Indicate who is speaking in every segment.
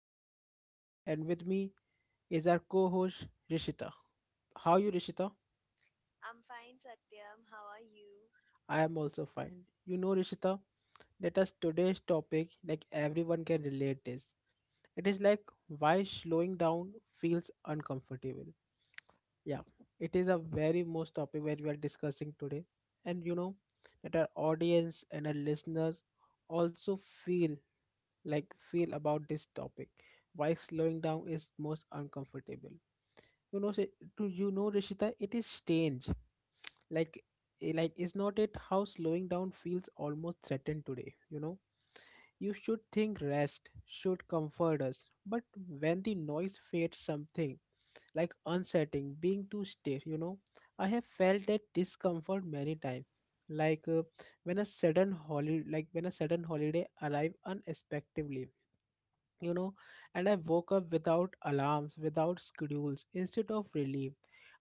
Speaker 1: host Satyam and with me is our co-host Rishita. How you Rishita?
Speaker 2: I'm fine, Satyam. How are you?
Speaker 1: I am also fine. You know Rishita that us today's topic like everyone can relate this. It is like why slowing down feels uncomfortable. Yeah. It is a very most topic that we are discussing today and you know that our audience and our listeners also feel feel about this topic why slowing down is most uncomfortable you know say. Do you know Rishita, it is strange, like like is not it how slowing down feels almost threatened today? You know, you should think rest should comfort us but when the noise fades something like unsettling being too stiff, you know. I have felt that discomfort many times, like when a sudden holiday arrive unexpectedly, you know. And I woke up without alarms, without schedules. Instead of relief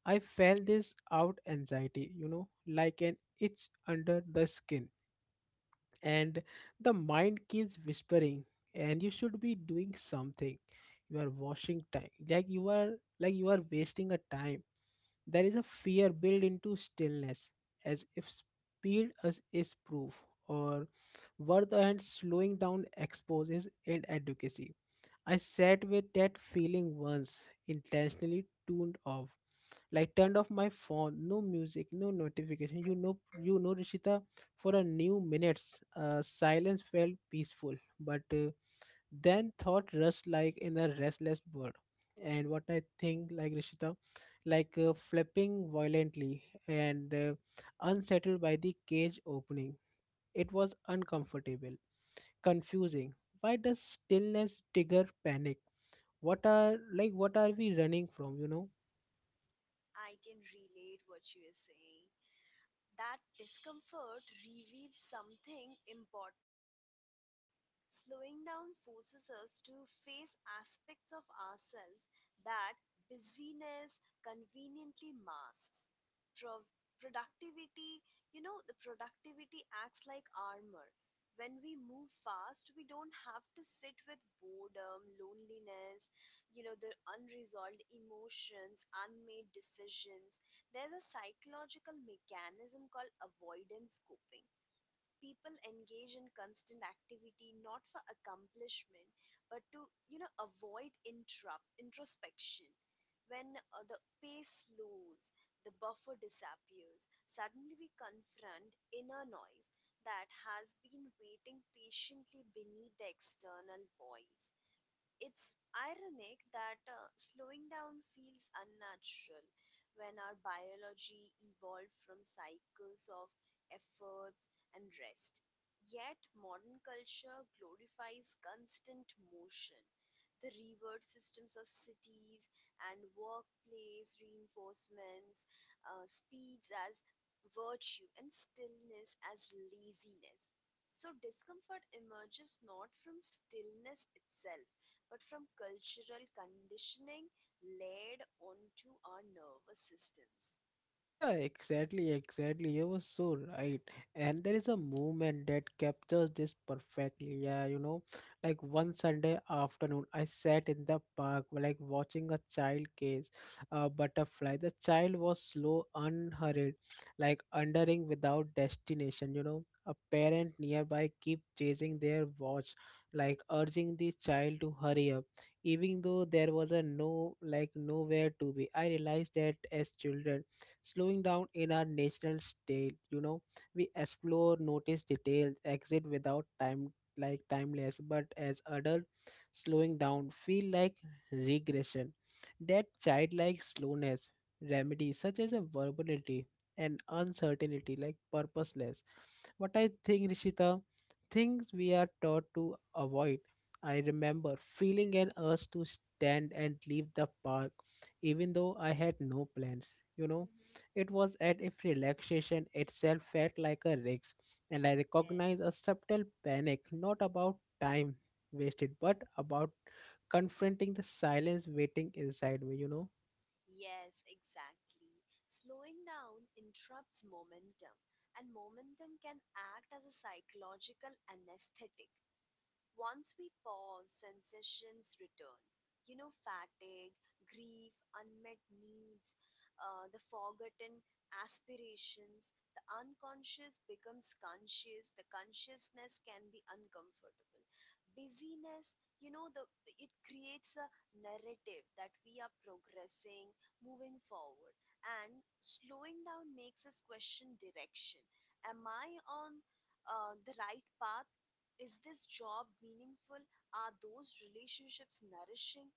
Speaker 1: I felt this out anxiety, you know, like an itch under the skin. And the mind keeps whispering and you should be doing something. You are washing time, like you are wasting a time. There is a fear built into stillness, as if speed is proof, or were the hand slowing down exposes inadequacy. I sat with that feeling once, intentionally tuned off. Like turned off my phone, no music, no notification. You know, Rishita, for a new minutes, silence felt peaceful, but then thought rushed like in a restless bird. And what I think, like Rishita, like flipping violently and unsettled by the cage opening. It was uncomfortable, confusing. Why does stillness trigger panic? What are we running from, you know?
Speaker 2: I can relate what you are saying. That discomfort reveals something important. Slowing down forces us to face aspects of ourselves that busyness conveniently masks. Pro- Productivity, the productivity acts like armor. When we move fast, we don't have to sit with boredom, loneliness, the unresolved emotions, unmade decisions. There's a psychological mechanism called avoidance coping. People engage in constant activity not for accomplishment but to, avoid interrupt introspection. When the pace slows, the buffer disappears. Suddenly we confront inner noise that has been waiting patiently beneath the external voice. It's ironic that slowing down feels unnatural when our biology evolved from cycles of efforts and rest. Yet, modern culture glorifies constant motion. The revered systems of cities and workplace reinforcements, speeds as virtue, and stillness as laziness. So, discomfort emerges not from stillness itself but from cultural conditioning laid onto our nervous systems.
Speaker 1: Yeah, exactly, exactly. You were so right. And there is a moment that captures this perfectly. Yeah, you know, like one Sunday afternoon, I sat in the park, like watching a child cage a butterfly. The child was slow, unhurried, like wandering without destination. You know, a parent nearby keep chasing their watch, like urging the child to hurry up, even though there was a no, like nowhere to be. I realized that as children slowing down in our national state, you know, we explore, notice details, exit without time, like timeless. But as adult, slowing down feel like regression. That childlike slowness remedy such as a verbality and uncertainty, like purposeless. What I think, Rishita, things we are taught to avoid. I remember feeling an urge to stand and leave the park even though I had no plans, you know.
Speaker 2: Mm-hmm.
Speaker 1: It was as if relaxation itself felt like a risk, and I recognized a
Speaker 2: Yes,
Speaker 1: subtle panic, not about time wasted, but about confronting the silence waiting inside me, you know.
Speaker 2: yes, exactly. Slowing down interrupts momentum, and momentum can act as a psychological anesthetic. Once we pause, sensations return. Fatigue, grief, unmet needs, the forgotten aspirations, the unconscious becomes conscious, the consciousness can be uncomfortable. Busyness, you know, the it creates a narrative that we are progressing, moving forward. And slowing down makes us question direction. Am I on the right path? Is this job meaningful? Are those relationships nourishing?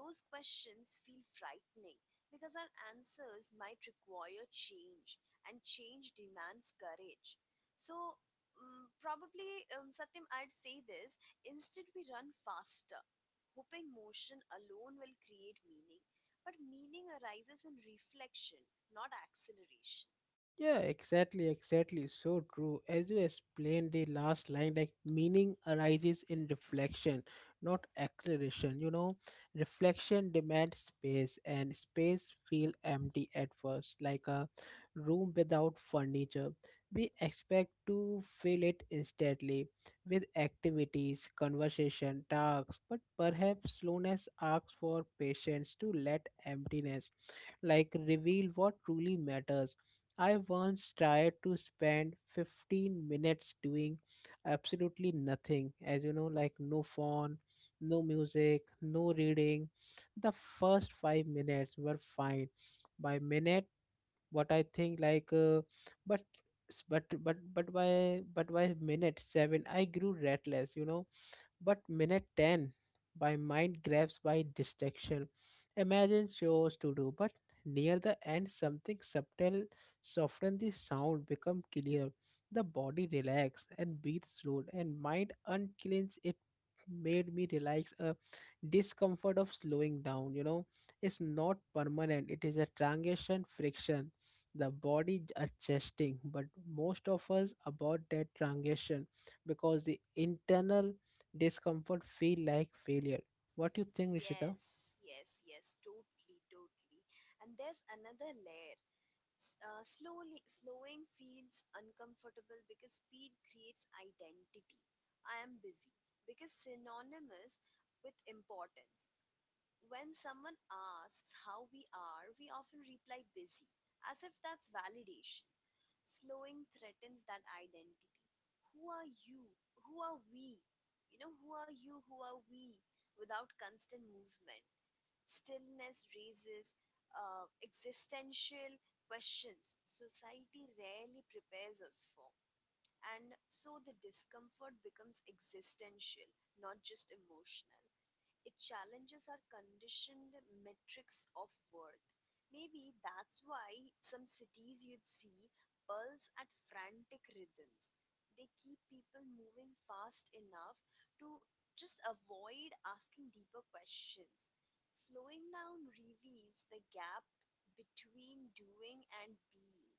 Speaker 2: Those questions feel frightening because our answers might require change, and change demands courage. So, probably, Satyam, I'd say this instead, we run faster, hoping motion alone will create meaning. But meaning arises in reflection, not acceleration.
Speaker 1: Yeah, exactly, exactly. So true. As you explained the last line, like meaning arises in reflection, not acceleration. You know, reflection demands space, and space feel empty at first, like a room without furniture. We expect to fill it instantly with activities, conversation, tasks, but perhaps slowness asks for patience to let emptiness like reveal what truly matters. I once tried to spend 15 minutes doing absolutely nothing, as you know, like no phone, no music, no reading. The first 5 minutes were fine. By minute, what I think, like, but by minute 7, I grew restless. You know, but minute 10, my mind grabs by distraction. Imagine chores to do, but near the end, something subtle softens the sound, become clear. The body relax and breathe slow, and mind unclench. It made me realize a discomfort of slowing down. You know, it's not permanent. It is a transition friction. The body adjusting, but most of us about that transition because the internal discomfort feel like failure. What do you think, Rishita?
Speaker 2: Yes, yes, yes, totally, totally. And there's another layer. Slowing feels uncomfortable because speed creates identity. I am busy because synonymous with importance. When someone asks how we are, we often reply busy as if that's validation. Slowing threatens that identity. Who are you? Who are we? You know, who are you? Who are we? Without constant movement. Stillness raises existential questions society rarely prepares us for. And so the discomfort becomes existential, not just emotional. It challenges our conditioned metrics of worth. Maybe that's why some cities you'd see pulse at frantic rhythms. They keep people moving fast enough to just avoid asking deeper questions. Slowing down reveals the gap between doing and being.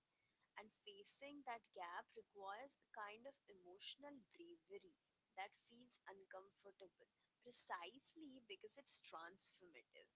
Speaker 2: And facing that gap requires a kind of emotional bravery that feels uncomfortable precisely because it's transformative.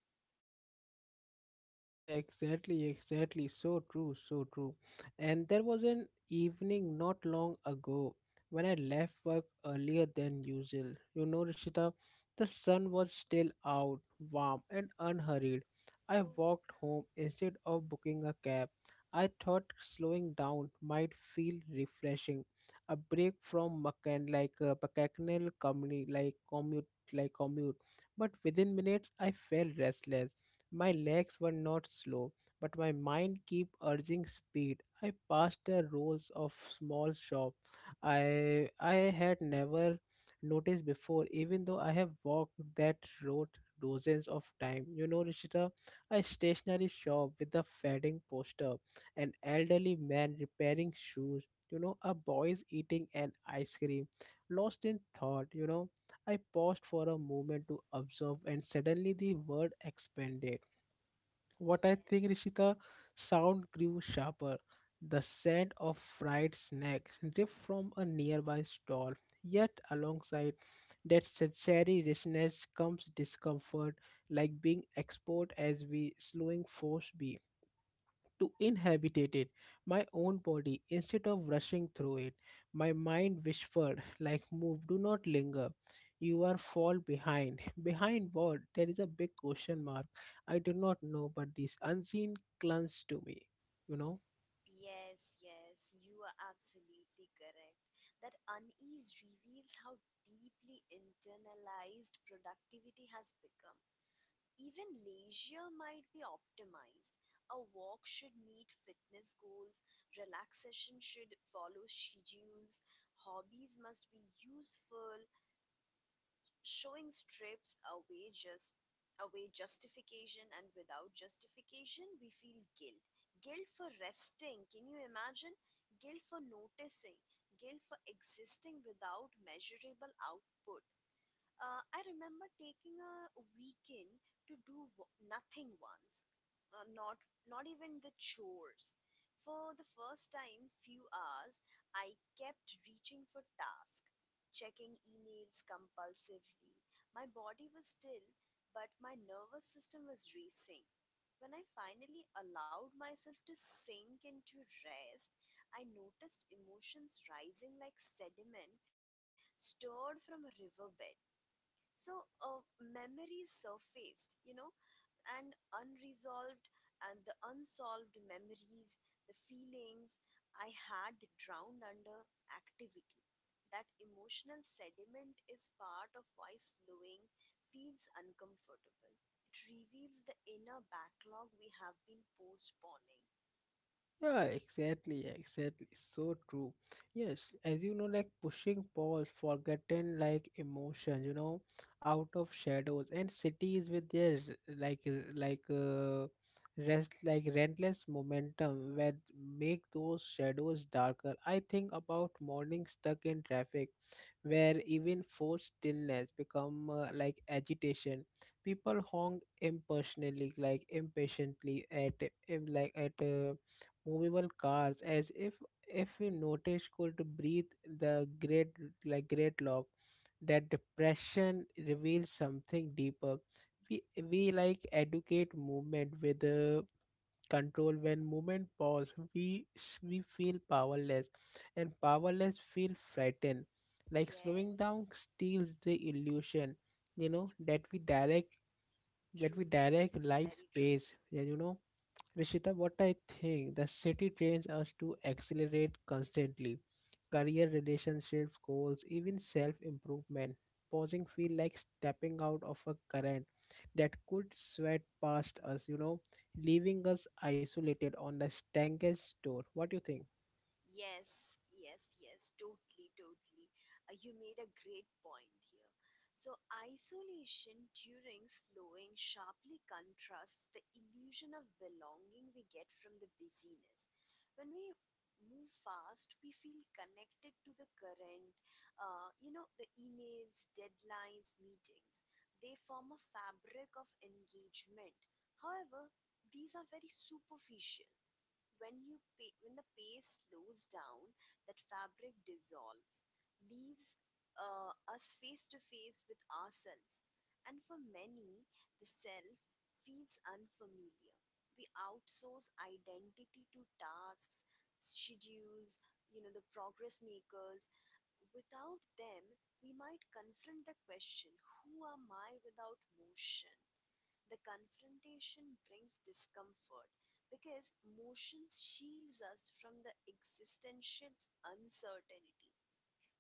Speaker 1: Yeah, exactly, exactly. So true, so true. And there was an evening not long ago when I left work earlier than usual. You know, Rishita, the sun was still out, warm and unhurried. I
Speaker 2: Oh,
Speaker 1: walked home instead of booking a cab. I thought slowing down might feel refreshing, a break from a mechanical company, like commute, like commute. But within minutes, I felt restless. My legs were not slow, but my mind kept urging speed. I passed the rows of small shop I had never noticed before, even though I have walked that road dozens of times. You know, Rishita, a stationery shop with a fading poster, an elderly man repairing shoes. You know, a boy is eating an ice cream, lost in thought. You know, I paused for a moment to observe, and suddenly the world expanded. What I think,
Speaker 2: yes.
Speaker 1: Rishita, sound grew sharper. The scent of fried snacks drift from a nearby stall. Yet, alongside that sensory richness comes discomfort, like being exposed as we slowing force beat to inhabit it, my own body, instead of rushing through it. My mind whispered, like, move, do not linger. You are fall behind. Behind what? There is a big question mark. I do not know, but this unseen clung to me, you know.
Speaker 2: Yes, yes, you are absolutely correct. That unease reveals how deeply internalized productivity has become. Even leisure might be optimized: a walk should meet fitness goals, relaxation should follow schedules, hobbies must be useful, showing strips away justification, and without justification we feel guilt. Guilt for resting, can you imagine? Guilt for noticing, guilt for existing without measurable output. I remember taking a weekend to nothing once, not even the chores. For the first time, few hours, I kept reaching for tasks, checking emails compulsively. My body was still, but my nervous system was racing. When I finally allowed myself to sink into rest, I noticed emotions rising like sediment stirred from a riverbed. So memories surfaced, you know, and unresolved and the unsolved memories, the feelings I had drowned under activity. That emotional sediment is part of why slowing feels uncomfortable. It reveals the inner backlog we have been postponing.
Speaker 1: Yeah, exactly, exactly. So true. Yes, as you know, like pushing pause, forgotten like emotion, you know, out of shadows and cities with their rest like relentless momentum where make those shadows darker. I think about morning stuck in traffic where even forced stillness become like agitation, people honk impersonally like impatiently at im- like at uh, movable cars as if we notice could breathe the great like great log that depression reveals something deeper. We we like educate movement with control. When movement pause we feel powerless, and powerless feel frightened, like slowing
Speaker 2: Yes,
Speaker 1: down steals the illusion, you know, that we
Speaker 2: true, true,
Speaker 1: direct life
Speaker 2: very true.
Speaker 1: space, yeah, you know. Rishita, what I think the city trains us to accelerate constantly. Career, relationships, goals, even self improvement. Pausing feel like stepping out of a current that could sweat past us, you know, leaving us isolated on the stankest door. What do you think?
Speaker 2: Yes, yes, yes, totally, totally. You made a great point here. So, isolation during slowing sharply contrasts the illusion of belonging we get from the busyness. When we move fast, we feel connected to the current, the emails, deadlines, meetings. They form a fabric of engagement. However, these are very superficial. When the pace slows down, that fabric dissolves, leaves us face to face with ourselves. And for many, the self feels unfamiliar. We outsource identity to tasks, schedules, the progress makers. Without them, we might confront the question, who am I without motion? The confrontation brings discomfort because motion shields us from the existential uncertainty.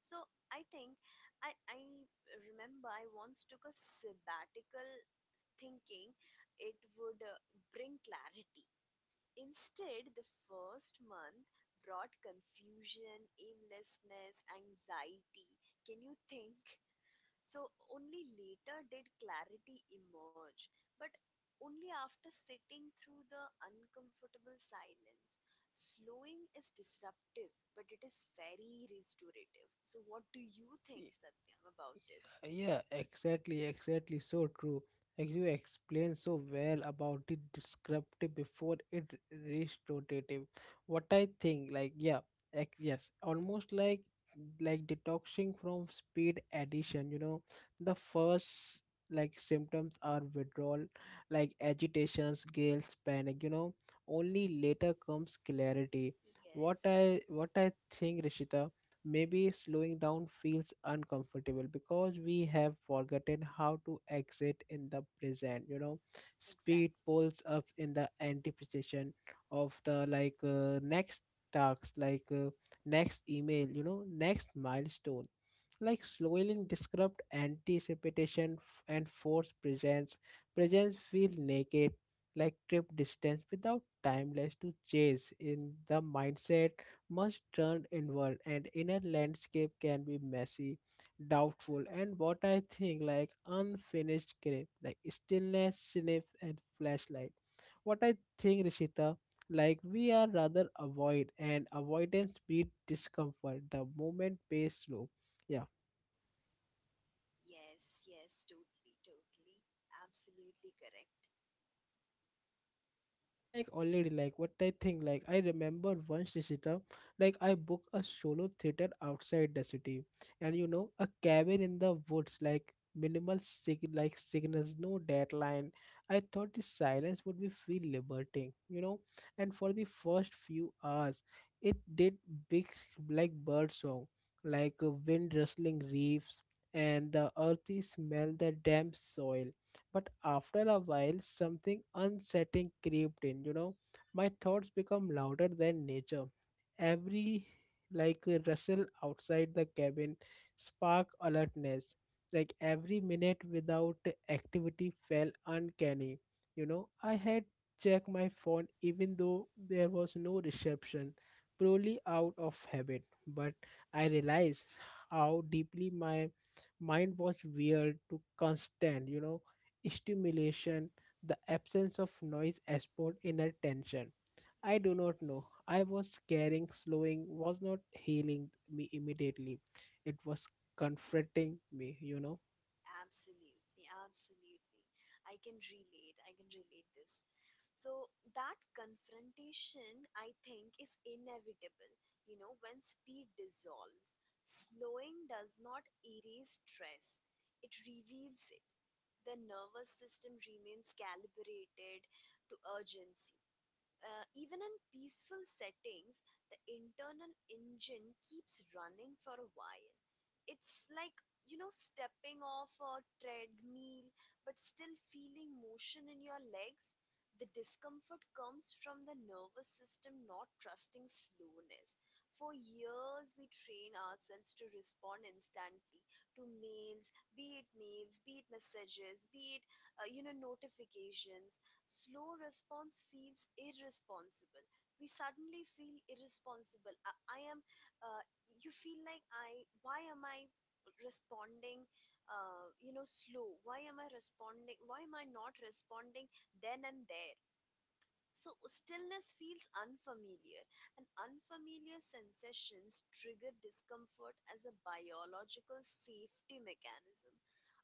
Speaker 2: So I think I remember I once took a sabbatical thinking it would bring clarity. Instead, the first month brought confusion, aimlessness, anxiety. Can you think? So only later did clarity emerge, but only after sitting through the uncomfortable silence. Slowing is disruptive, but it is very restorative. So, what do you think, Satyam, about this?
Speaker 1: Yeah, exactly, exactly. So true. Like you explained so well about the descriptive before it restorative. What I think, like yeah, yes, almost like detoxing from speed addition. You know, the first like symptoms are withdrawal, like agitations, guilt, panic. You know, only later comes clarity. What
Speaker 2: Yes,
Speaker 1: I what
Speaker 2: yes,
Speaker 1: I think, Rishita, maybe slowing down feels uncomfortable because we have forgotten how to exit in the present, you know. Speed
Speaker 2: exactly.
Speaker 1: pulls up in the anticipation of the next tasks, like next email, you know, next milestone. Like slowly described anticipation and force presence. Presence feels naked, like trip distance without timeless to chase in the mindset. Must turn inward and inner landscape can be messy, doubtful, and what I think like unfinished grip, like stillness sniff and flashlight. What I think, Rishita, like we are rather avoid and avoidance breed discomfort the moment pays slow, yeah.
Speaker 2: Yes, yes, totally, totally. Absolutely correct.
Speaker 1: And what I like already like what I think like I remember once, Rishita, like I booked a solo theater outside the city, and you know a cabin in the woods, like minimal signals, no deadline. I thought the silence would be feel liberating, you know, and for the first few hours, it did big bird song, like a wind rustling leaves and the earthy smell the damp soil. But after a while, something unsettling crept in. You know, my thoughts become louder than nature. Every like a rustle outside the cabin spark alertness. Like every minute without activity felt uncanny. You know, I had checked my phone even though there was no reception, purely out of habit. But I realized how deeply my mind was weird to constant. You know, stimulation, the absence of noise export inner tension. I do not know.
Speaker 2: Yes.
Speaker 1: I was caring, slowing was not healing me immediately. It was comforting me, you know.
Speaker 2: Absolutely, absolutely. I can relate. I can relate this. So that confrontation, I think, is inevitable. You know, when speed dissolves, slowing does not erase stress. It reveals it. The nervous system remains calibrated to urgency. Even in peaceful settings, the internal engine keeps running for a while. It's like, you know, stepping off a treadmill but still feeling motion in your legs. The discomfort comes from the nervous system not trusting slowness. For years, we train ourselves to respond instantly to mails, be it messages, be it, you know, notifications. Slow response feels irresponsible. We suddenly feel irresponsible. I am. Uh, you feel like I. Why am I responding? You know, slow. Why am I responding? Why am I not responding then and there? So stillness feels unfamiliar, and unfamiliar sensations trigger discomfort as a biological safety mechanism.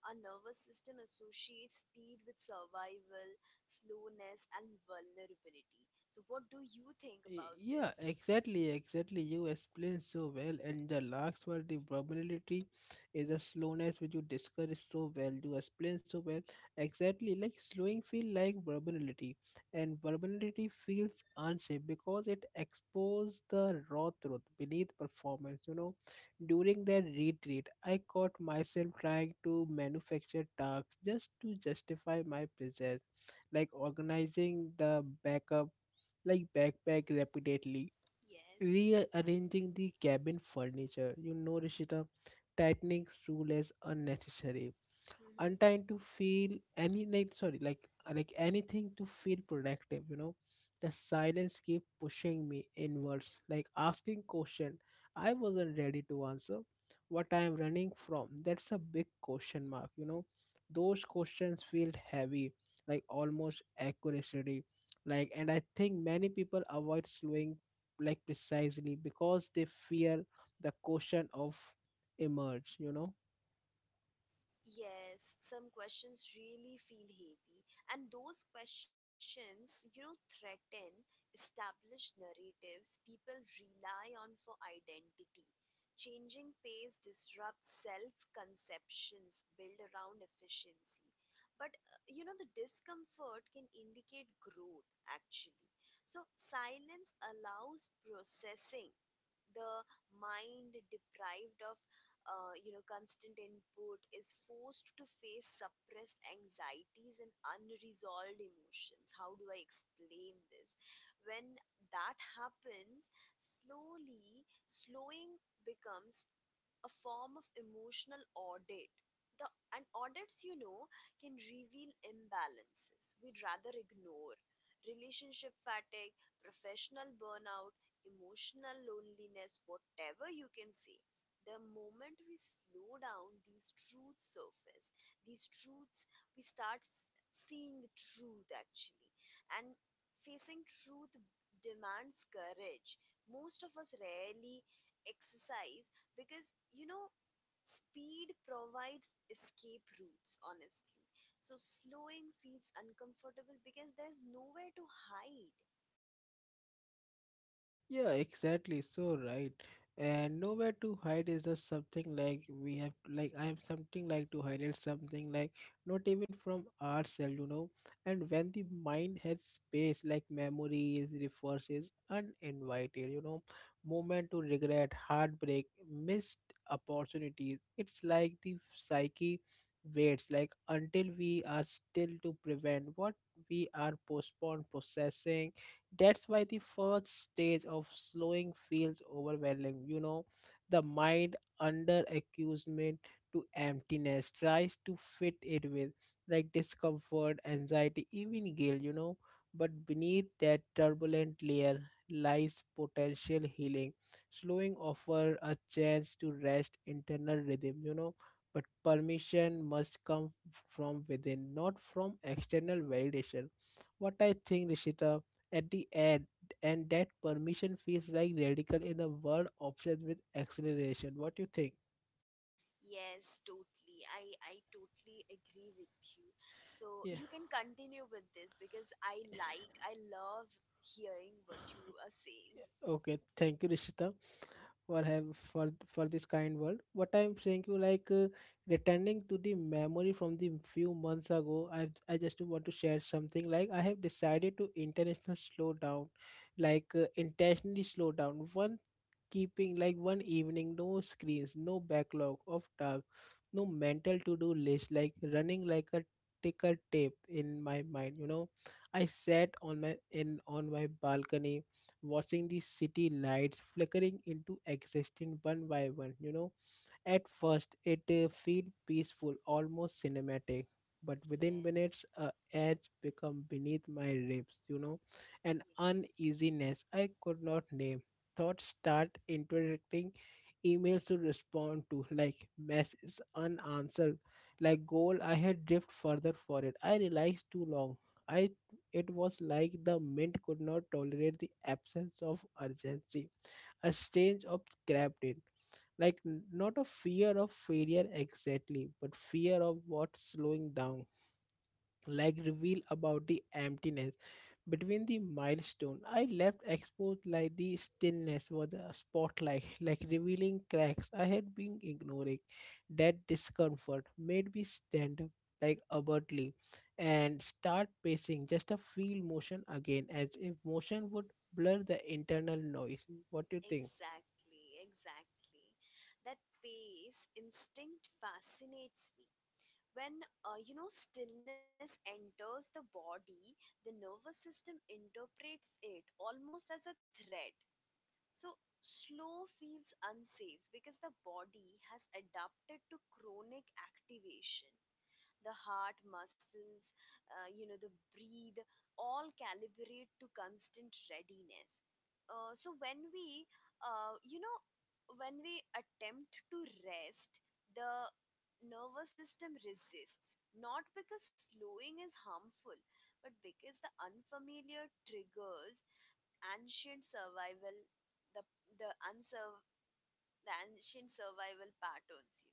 Speaker 2: Our nervous system associates speed with survival, slowness, and vulnerability. So, what do you think about
Speaker 1: Yeah,
Speaker 2: this?
Speaker 1: exactly, exactly. You explained so well, and the last word, the vulnerability, is the slowness which you discussed so well. You explained so well. Exactly, like slowing feel like vulnerability, and vulnerability feels unsafe because it exposes the raw truth beneath performance. You know, during that retreat, I caught myself trying to manufacture tasks just to justify my presence, like organizing the backup like backpack repeatedly,
Speaker 2: Yes.
Speaker 1: rearranging the cabin furniture. You know, Rishita, tightening stool as unnecessary and
Speaker 2: Mhm.
Speaker 1: to feel any like sorry like anything to feel productive, you know. The silence keep pushing me inwards, like asking question I wasn't ready to answer. What I am running from? That's a big question mark, you know. Those questions feel heavy, like almost accuracy, like. And I think many people avoid slowing, like precisely because they fear the question of emerge, you know.
Speaker 2: Yes, some questions really feel heavy, and those questions, you know, threaten established narratives people rely on for identity. Changing pace disrupts self conceptions built around efficiency. But, you know, the discomfort can indicate growth actually. So, silence allows processing. The mind deprived of you know, constant input is forced to face suppressed anxieties and unresolved emotions. How do I explain this? When that happens, slowly slowing becomes a form of emotional audit. The and audits, you know, can reveal imbalances we'd rather ignore. Relationship fatigue, professional burnout, emotional loneliness, whatever you can say. The moment we slow down, these truths surface. These truths, we start seeing the truth actually. And facing truth demands courage. Most of us rarely exercise because, you know, speed provides escape routes honestly. So slowing feels uncomfortable because there's nowhere to hide.
Speaker 1: Yeah, exactly. So right. And nowhere to hide is just something like we have like I am something like to highlight something like not even from ourselves, you know. And when the mind has space like memories, refers uninvited, you know, moment to regret, heartbreak, missed opportunities. It's like the psyche waits like until we are still to prevent what we are postponed processing. That's why the first stage of slowing feels overwhelming. You know, the mind under accusement to emptiness tries to fit it with like discomfort, anxiety, even guilt, you know. But beneath that turbulent layer lies potential healing. Slowing offer a chance to rest internal rhythm, you know. But permission must come from within, not from external validation. What I think, Rishita, at the end and that permission feels like radical in a world obsessed with acceleration, what do you think?
Speaker 2: Yes, totally. I totally agree with you. So
Speaker 1: Yeah,
Speaker 2: you can continue with this because I like, I love hearing what you are saying.
Speaker 1: okay, thank you, Rishita, for have for this kind world, what I'm saying you like returning to the memory from the few months ago. I just want to share something like I have decided to international slow down like intentionally slow down one, keeping like one evening, no screens, no backlog of tasks, no mental to do list like running like a ticker tape in my mind, you know. I sat on my in on my balcony, watching the city lights flickering into existence one by one, you know. At first it feel peaceful, almost cinematic, but within minutes
Speaker 2: Yes,
Speaker 1: a edge become beneath my ribs, you know, an
Speaker 2: yes,
Speaker 1: uneasiness I could not name. Thoughts start interacting, emails to respond to like messages unanswered, like goal I had drift further for it I realized too long. I it was like the mint could not tolerate the absence of urgency. A strange of grabbed it, like not a fear of failure exactly, but fear of what's slowing down like reveal about the emptiness between the milestone I left exposed, like the stillness was a spotlight like revealing cracks I had been ignoring. That discomfort made me stand up like abruptly and start pacing just to feel motion again, as if motion would blur the internal noise. What do you think?
Speaker 2: exactly, exactly. That pace instinct fascinates me. When you know, stillness enters the body, the nervous system interprets it almost as a threat. So slow feels unsafe because the body has adapted to chronic activation. The heart muscles, you know, the breathe, all calibrate to constant readiness. So when we, uh, you know, when we attempt to rest, the nervous system resists, not because slowing is harmful, but because the unfamiliar triggers ancient survival, the the unsur the ancient survival patterns.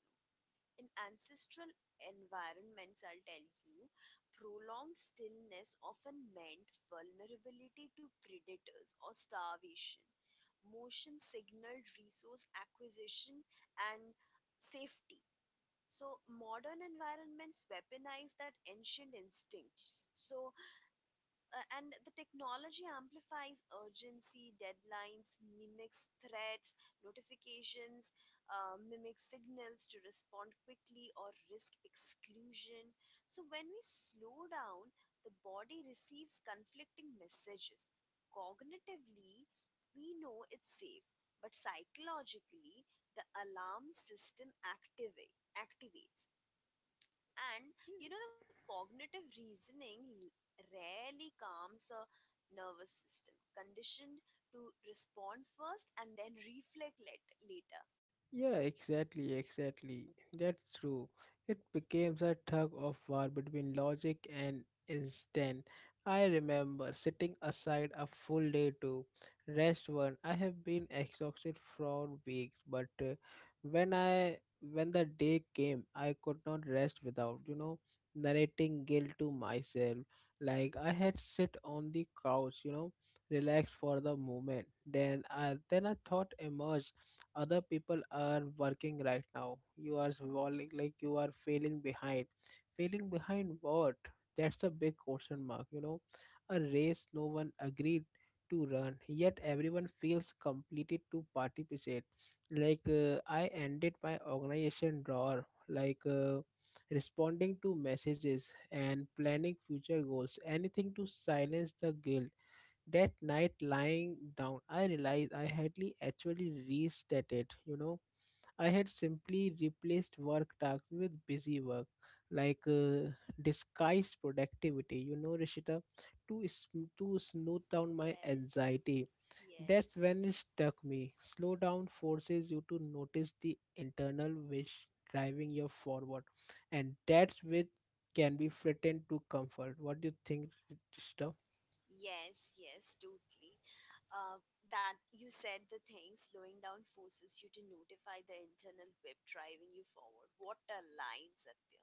Speaker 2: In ancestral environments, I'll tell you, prolonged stillness often meant vulnerability to predators or starvation. Motion signaled resource acquisition and safety. So, modern environments weaponize that ancient instincts. So, and the technology amplifies urgency. Deadlines mimics threats, notifications mimics signals to respond quickly or risk exclusion. So when we slow down, the body receives conflicting messages. Cognitively, we know it's safe, but psychologically, the alarm system activates, and you know, the cognitive reasoning rarely calms a nervous system, conditioned to respond first and then reflect later.
Speaker 1: Yeah, exactly, exactly. That's true. It becomes a tug of war between logic and instinct. I remember sitting aside a full day to rest one. I have been exhausted for weeks, but when I when the day came, I could not rest without, you know, narrating guilt to myself. Like I had sit on the couch, you know, relaxed for the moment. Then I then a thought emerged, other people are working right now, you are falling like you are failing behind. Failing behind what? That's a big question mark, you know, a race no one agreed to run, yet everyone feels completed to participate. Like I ended my organization drawer, like responding to messages and planning future goals, anything to silence the guilt. That night lying down, I realized I hadn't actually restated, you know. I had simply replaced work tasks with busy work, like disguised productivity, you know, Rishita, to, to smooth down my
Speaker 2: Yes,
Speaker 1: anxiety. That's
Speaker 2: yes,
Speaker 1: when it struck me. Slow down forces you to notice the internal wish driving you forward, and that's which can be threatened to comfort. What do you think, Rishita?
Speaker 2: yes, yes, totally. Uh, that you said the thing, slowing down forces you to notify the internal web driving you forward. What a line, Satya.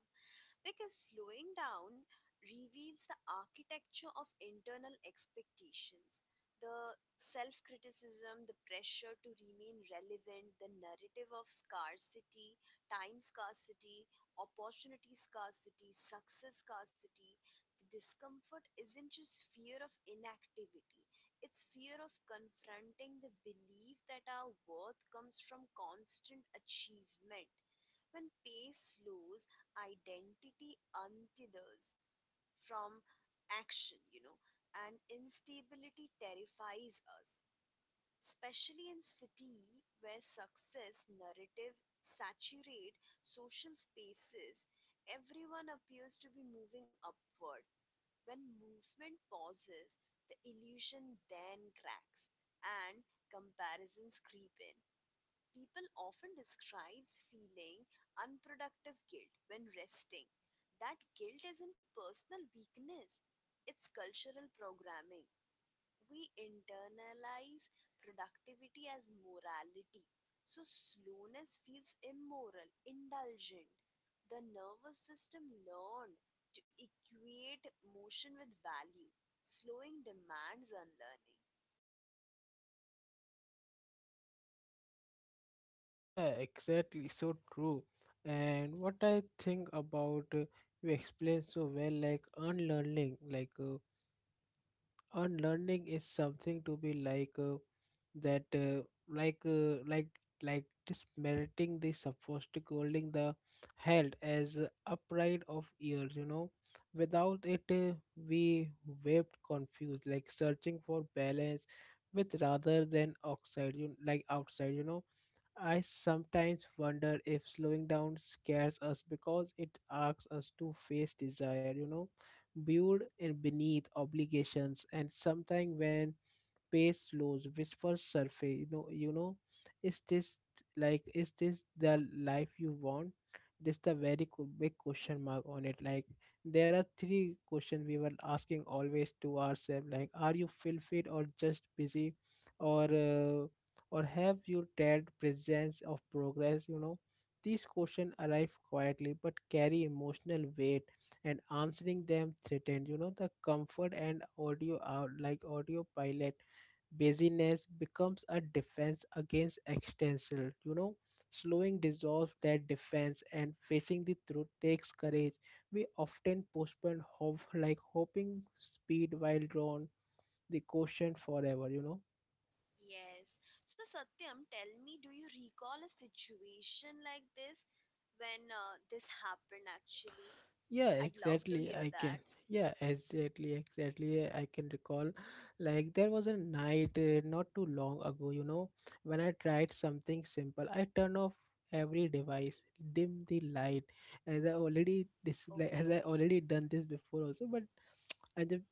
Speaker 2: Because slowing down reveals the architecture of internal expectations, the self criticism, the pressure to remain relevant, the narrative of scarcity: time scarcity, opportunity scarcity, success scarcity. The discomfort isn't just fear of inactivity, it's fear of confronting the belief that our worth comes from constant achievement. When pace slows, identity untethers from action, you know, and instability terrifies us, especially in city where success narrative saturate social spaces. Everyone appears to be moving upward. When movement pauses, the illusion then cracks and comparisons creep in. People often describes feeling unproductive guilt when resting. That guilt isn't personal weakness, it's cultural programming. We internalize productivity as morality. So slowness feels immoral, indulgent. The nervous system learned to equate motion with value. Slowing demands unlearning.
Speaker 1: Yeah, exactly. So true. And what I think about you explained so well, like unlearning is something to be like that, like like dismeriting the supposed holding the held as a pride of years. You know, without it, we wept confused, like searching for balance with rather than outside. You like outside. You know I sometimes wonder if slowing down scares us because it asks us to face desire, you know, build in beneath obligations, and sometimes when pace slows, whispers surface. You know, is this like is this the life you want? This the very big question mark on it. Like there are three questions we were asking always to ourselves. Like, are you fulfilled or just busy, or uh, or have you dared presence of progress? You know, these questions arrive quietly but carry emotional weight, and answering them threatened, you know, the comfort and audio out like audio pilot. Busyness becomes a defense against existential, you know. Slowing dissolves that defense, and facing the truth takes courage. We often postpone hope, like hoping speed while drawn the question forever, you know.
Speaker 2: Yes. So, Satyam, tell me, do you recall a situation like this when this happened actually?
Speaker 1: Yeah,
Speaker 2: I'd love to
Speaker 1: exactly.
Speaker 2: hear
Speaker 1: I can.
Speaker 2: that.
Speaker 1: Yeah, exactly, exactly. I can recall. Like, there was a night not too long ago, you know, when I tried something simple. I turn off every device, dim the light, as I already like,
Speaker 2: Okay.
Speaker 1: as I already done this before also, but I just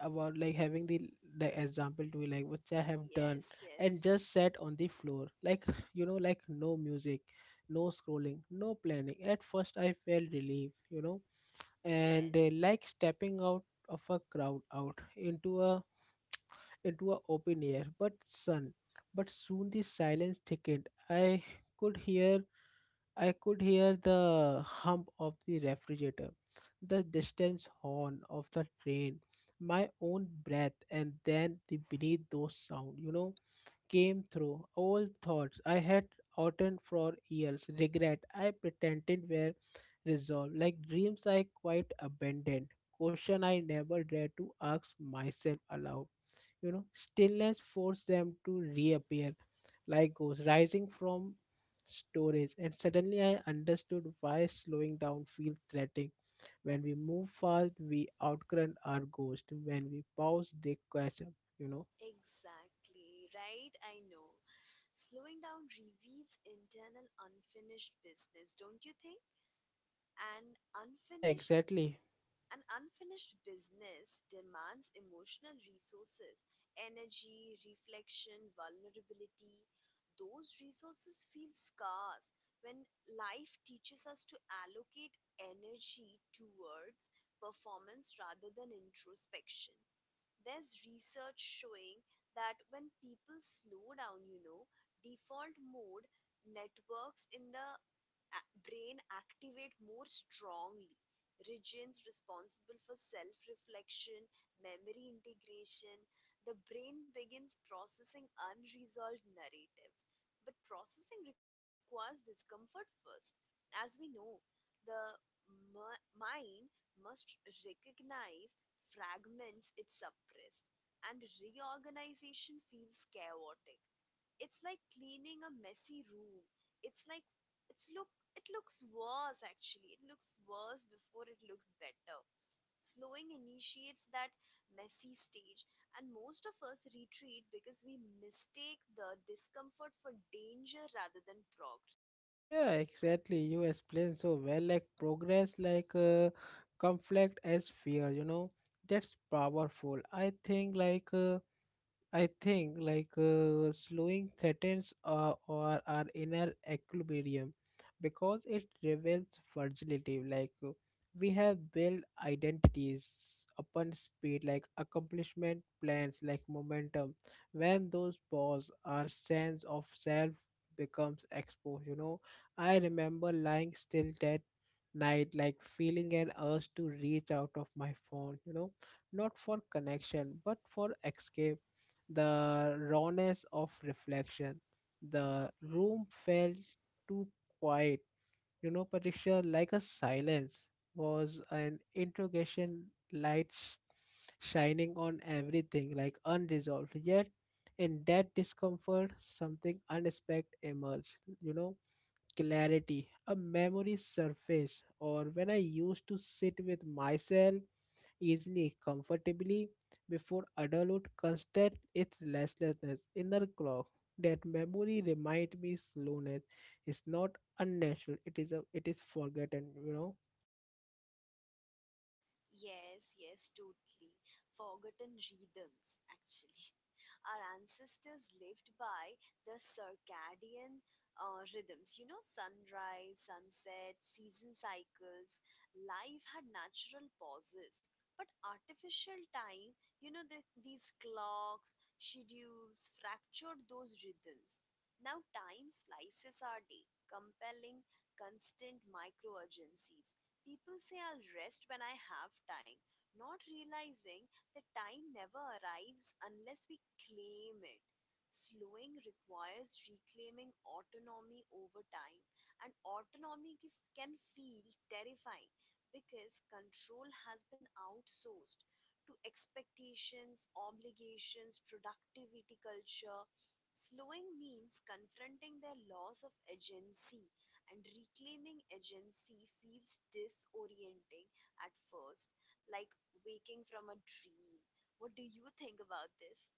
Speaker 1: about like having the example to be like which I have done.
Speaker 2: Yes,
Speaker 1: And
Speaker 2: yes,
Speaker 1: just sat on the floor like you know, like no music, no scrolling, no planning. At first I felt relief, you know, and
Speaker 2: yes.
Speaker 1: like stepping out of a crowd out into a open air, but sun but soon the silence thickened. I could hear I could hear the hum of the refrigerator, the distance horn of the train, my own breath, and then the beneath those sounds, you know, came through all thoughts I had uttered for years, regret I pretended were resolved, like dreams I quite abandoned, question I never dared to ask myself aloud, you know. Stillness forced them to reappear like ghosts rising from storage, and suddenly I understood why slowing down feels threatening. When we move fast, we outrun our ghost. When we pause, they question, you know.
Speaker 2: Exactly. Right? I know. Slowing down reveals internal unfinished business, don't you think? And
Speaker 1: Yeah,
Speaker 2: unfinished
Speaker 1: exactly.
Speaker 2: An unfinished business demands emotional resources, energy, reflection, vulnerability. Those resources feel scarce when life teaches us to allocate energy towards performance rather than introspection. There's research showing that when people slow down, you know, default mode networks in the brain activate more strongly regions responsible for self reflection, memory integration. The brain begins processing unresolved narratives. But processing requires discomfort first. As we know, the mind must recognize fragments it suppressed, and reorganization feels chaotic. It's like cleaning a messy room. It's like it's look it looks worse actually. It looks worse before it looks better. Slowing initiates that messy stage, and most of us retreat because we mistake the discomfort for danger rather than progress.
Speaker 1: Yeah, exactly, you explained so well, like progress, like conflict as fear, you know. That's powerful. I think like slowing threatens or our inner equilibrium because it reveals fragility. Like we have built identities upon speed, like accomplishment, plans, like momentum. When those pause, our sense of self becomes exposed. You know, I remember lying still that night, like feeling an urge to reach out of my phone. You know, not for connection but for escape the rawness of reflection. The
Speaker 2: Okay.
Speaker 1: room felt too quiet, you know, Patricia, like a silence was an interrogation light shining on everything, like unresolved. Yet, in that discomfort, something unexpected emerged, you know, clarity, a memory surfaced, or when I used to sit with myself easily, comfortably before adulthood constates its restlessness. Inner clock that memory remind me slowness is not unnatural. It is a it is forgotten. You know.
Speaker 2: Yes, yes, totally. Forgotten rhythms, actually. Our ancestors lived by the circadian rhythms, you know, sunrise, sunset, season cycles. Life had natural pauses, but artificial time, you know, these clocks, schedules fractured those rhythms. Now time slices our day, compelling constant micro urgencies. People say I'll rest when I have time, not realizing that time never arrives unless we claim it. Slowing requires reclaiming autonomy over time, and can feel terrifying because control has been outsourced to expectations, obligations, productivity culture. Slowing means confronting their loss of agency, and reclaiming agency feels disorienting at first, like waking from a dream. What do you think about this?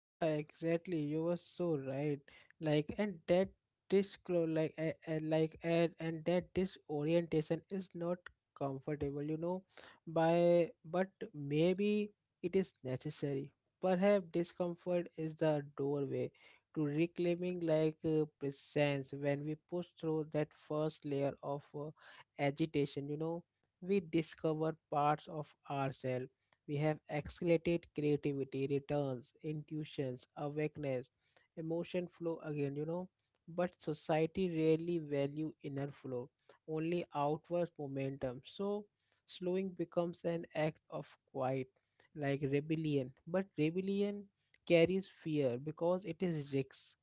Speaker 1: Yeah, exactly. You were so right. Like, and that and that disorientation is not comfortable, you know. By but maybe it is necessary. Perhaps discomfort is the doorway to reclaiming like presence. When we push through that first layer of agitation, you know, we discover parts of ourselves we have accelerated creativity, returns, intuitions, awakeness, emotion flow again, you know. But society rarely value inner flow, only outward momentum. So slowing becomes an act of quiet, like rebellion. But rebellion carries fear because it is risks.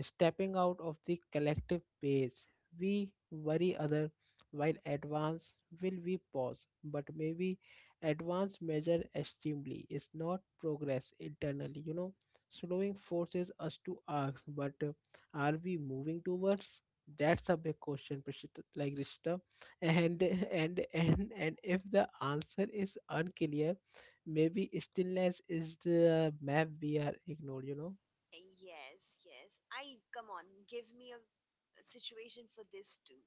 Speaker 1: Stepping out of the collective pace, we worry other while advance will we pause, but maybe advanced measure extremely is not progress internally, you know. Slowing forces us to ask but are we moving towards? That's a big question like Rishita. And if the answer is unclear, maybe stillness is the map we are ignored, you know.
Speaker 2: Yes, yes. I come on, give me a situation for this too.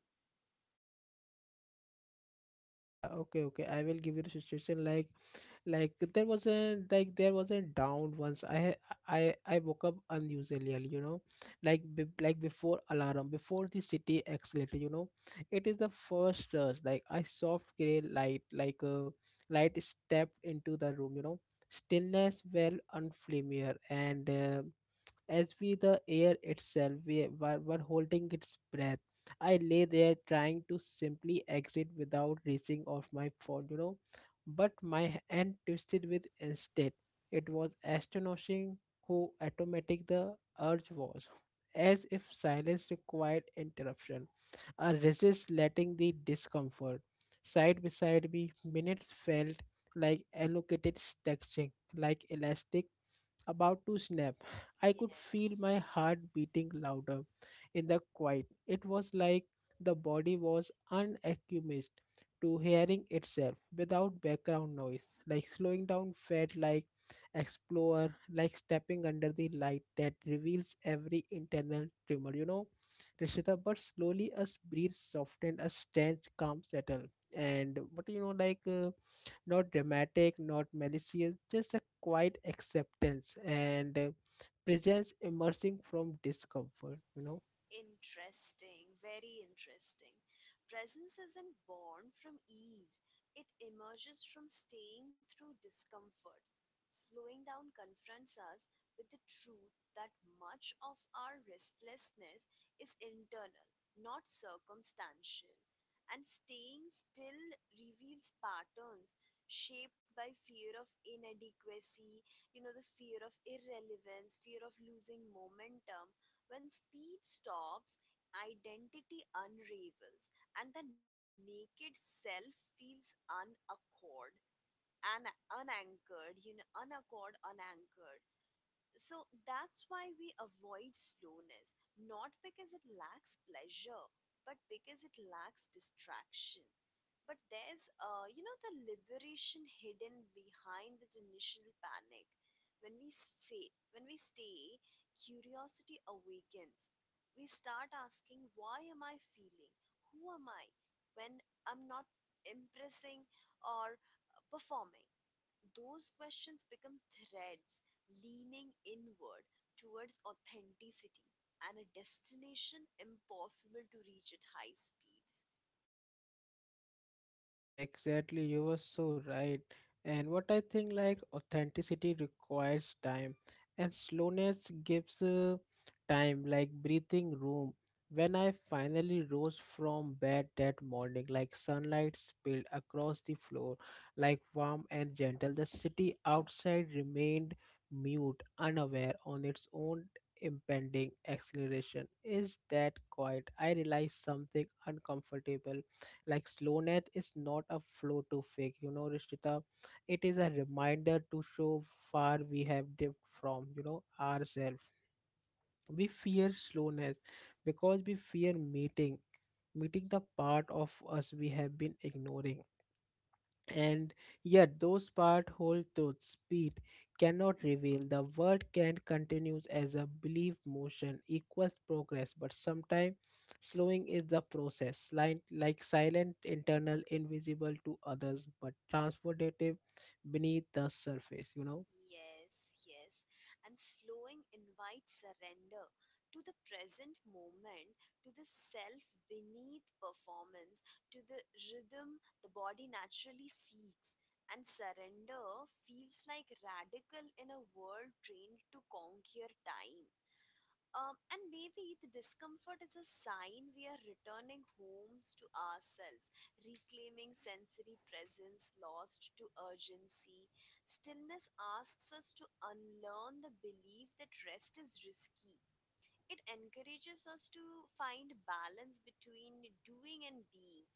Speaker 1: Yeah, okay, okay, I will give you the situation like like there wasn't down once. I woke up unusually early, you know, like like before alarm, before the city accelerator, you know. It is the first rush, like I soft gray light like a light stepped into the room, you know. Stillness well unfamiliar, and as with the air itself were while holding its breath. I lay there trying to simply exit without reaching off my phone, you know, but my hand twisted with instead. It was astonishing how automatic the urge was, as if silence required interruption. I resist letting the discomfort side beside me. Minutes felt like allocated stretching like elastic about to snap. I could feel
Speaker 2: Yes.
Speaker 1: my heart beating louder in the quiet. It was like the body was unaccustomed to hearing itself without background noise. Like slowing down felt like explorer, like stepping under the light that reveals every internal tremor, you know. Rishita, but slowly a breeze softened, a strange calm settled. And but you know, like. Not dramatic, not malicious, just a quiet acceptance and presence emerging from discomfort, you know.
Speaker 2: Interesting, very interesting. Presence isn't born from ease, it emerges from staying through discomfort. Slowing down confronts us with the truth that much of our restlessness is internal, not circumstantial. And staying still reveals patterns shaped by fear of inadequacy, you know, the fear of irrelevance, fear of losing momentum, when speed stops, identity unravels, and the naked self feels unaccord, and unanchored, you know, unaccord, unanchored, so that's why we avoid slowness, not because it lacks pleasure, but because it lacks distraction. But there's you know, the liberation hidden behind this initial panic. When we stay, curiosity awakens. We start asking, why am I feeling? Who am I? When I'm not impressing or performing. Those questions become threads leaning inward towards authenticity and a destination impossible to reach at high speed.
Speaker 1: Yeah, exactly. You were so right. And what I think, like, authenticity requires time, and slowness gives time, like, breathing room. When I finally rose from bed that morning, like, sunlight spilled across the floor, like, warm and gentle, the city outside remained mute, unaware on its own impending acceleration. Is that quiet? I realized something uncomfortable, like slowness is not a flow to fake, you know, Rishita. It is a reminder to show far we have dipped from ourselves. We fear slowness because we fear meeting the part of us we have been ignoring. And yet those part hold thought speed cannot reveal the world. Can continues as a belief motion equals progress, but sometimes slowing is the process, like silent, internal, invisible to others, but transformative beneath the surface.
Speaker 2: Yes, yes. And slowing invites surrender to the present moment, to the self beneath performance, to the rhythm the body naturally seeks. And surrender feels like radical in a world trained to conquer time. And maybe the discomfort is a sign we are returning homes to ourselves, reclaiming sensory presence lost to urgency. Stillness asks us to unlearn the belief that rest is risky. It encourages us to find balance between doing and being,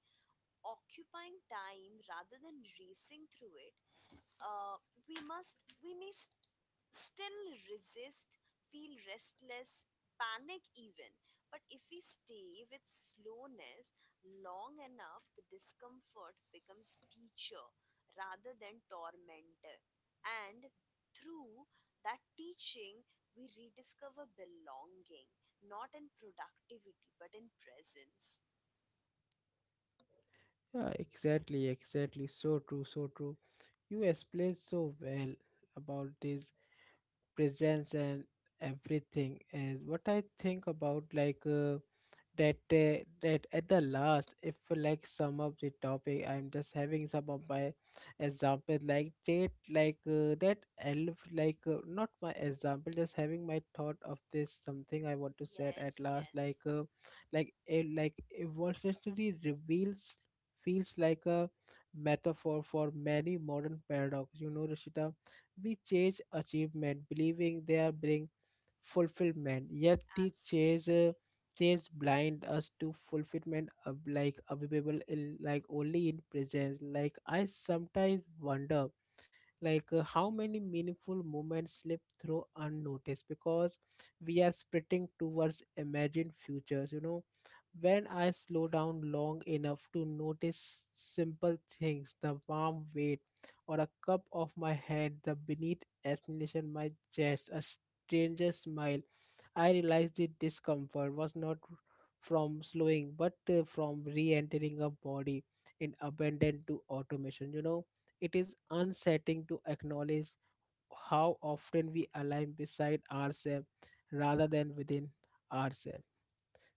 Speaker 2: occupying time rather than racing through it. Uh, we may still resist, feel restless, panic even. But if we stay with slowness long enough, the discomfort becomes teacher rather than tormentor. And through that teaching, we rediscover belonging, not in productivity, but in presence.
Speaker 1: Yeah, exactly, exactly, so true, so true. You explained so well about this presence and everything. And what I think about, like, that at the last, if like sum up the topic, I'm just having some of my example, like that, like, that elf, like, not my example, just having my thought of this, something I want to say at
Speaker 2: Yes,
Speaker 1: last,
Speaker 2: yes,
Speaker 1: like, like a like evolutionary reveals feels like a metaphor for many modern paradox, you know, Rishita. We chase achievement, believing they are bring fulfillment. Yet the chase uh,
Speaker 2: absolutely.
Speaker 1: chase blind us to fulfillment of, like, available in, like, only in presence. Like, I sometimes wonder, like, how many meaningful moments slip through unnoticed because we are sprinting towards imagined futures, you know. When I slow down long enough to notice simple things, the warm weight or a cup of my head, the beneath explanation my chest, a stranger's smile, I realized the discomfort was not from slowing, but from re entering a body in abandon to automation. You know, it is unsettling to acknowledge how often we align beside ourselves rather than within ourselves.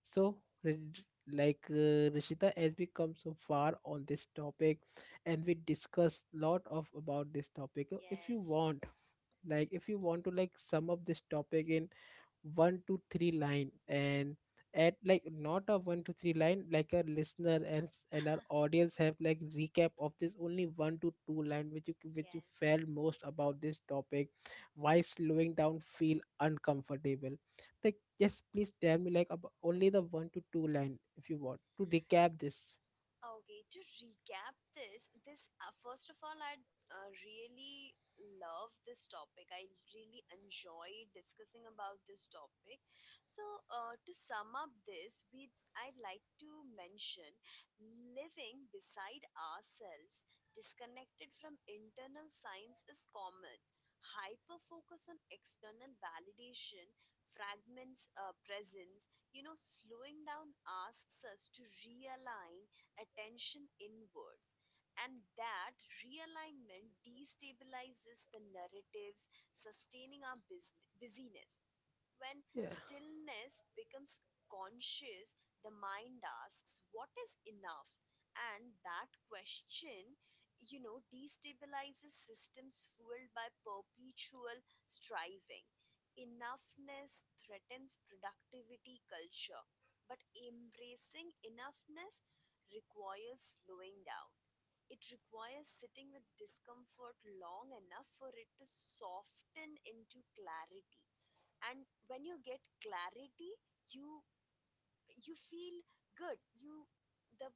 Speaker 1: So, re- like, Rishita, as we come so far on this topic, and we discuss lot of about this topic. If you
Speaker 2: Yes,
Speaker 1: want, like, if you want to like sum up this topic in one to three line and at, like, not a one to three line, like a listener and and our audience have like recap of this only one to two line, which you which you
Speaker 2: yes.
Speaker 1: felt most about this topic. Why slowing down feel uncomfortable? Like, just please tell me, like, about only the one to two line if you want to recap this.
Speaker 2: Okay, to recap this first of all, I really love this topic. I really enjoy discussing about this topic. So, to sum up this, we would I'd like to mention living beside ourselves, disconnected from internal signs, is common. Hyper focus on external validation fragments presence, you know, slowing down asks us to realign attention inwards. And that realignment destabilizes the narratives sustaining our busyness. When
Speaker 1: Yeah.
Speaker 2: stillness becomes conscious, the mind asks, what is enough? And that question, you know, destabilizes systems fueled by perpetual striving. Enoughness threatens productivity culture, but embracing enoughness requires slowing down. It requires sitting with discomfort long enough for it to soften into clarity, and when you get clarity you feel good, the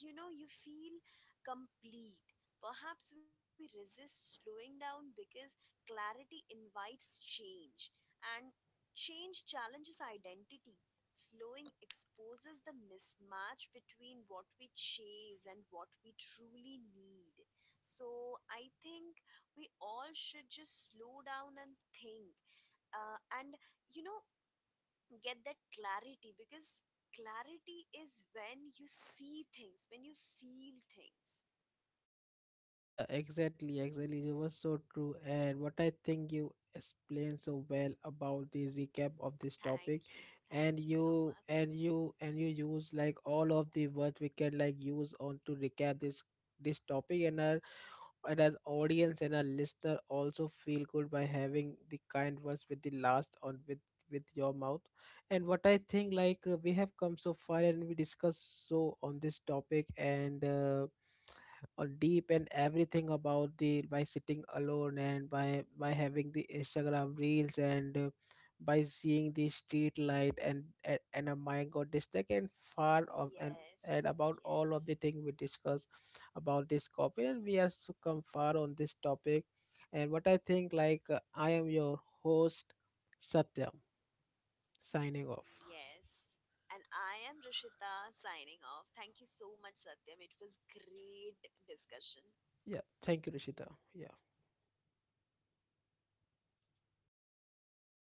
Speaker 2: you know, you feel complete. Perhaps we resist slowing down because clarity invites change, and change challenges identity. Slowing exposes the mismatch between what we chase and what we truly need. So I think we all should just slow down and think, and you know, get that clarity because clarity is when you see things, when you feel things.
Speaker 1: Yeah, exactly, exactly. It was so true. And what I think, you explained so well about the recap of this topic,
Speaker 2: Thank you.
Speaker 1: and
Speaker 2: Thank you so
Speaker 1: you
Speaker 2: much.
Speaker 1: and you and you use like all of the words we can like use on to recap this topic. And are and as audience and a listener also feel good by having the kind words with the last on with your mouth. And what I think, like, we have come so far and we discussed so on this topic and, on deep and everything about the by sitting alone and by having the Instagram reels and, by seeing the street light and, a mind got this and far of and
Speaker 2: Yes.
Speaker 1: about all of
Speaker 2: Yes.
Speaker 1: the thing we discuss about this copy and we are so come far on this topic. And what I think, like, I am your host Satyam, signing off.
Speaker 2: Yes. And I am Rishita signing off. Thank you so much, Satyam. It was great discussion.
Speaker 1: Yeah, thank you, Rishita. Yeah.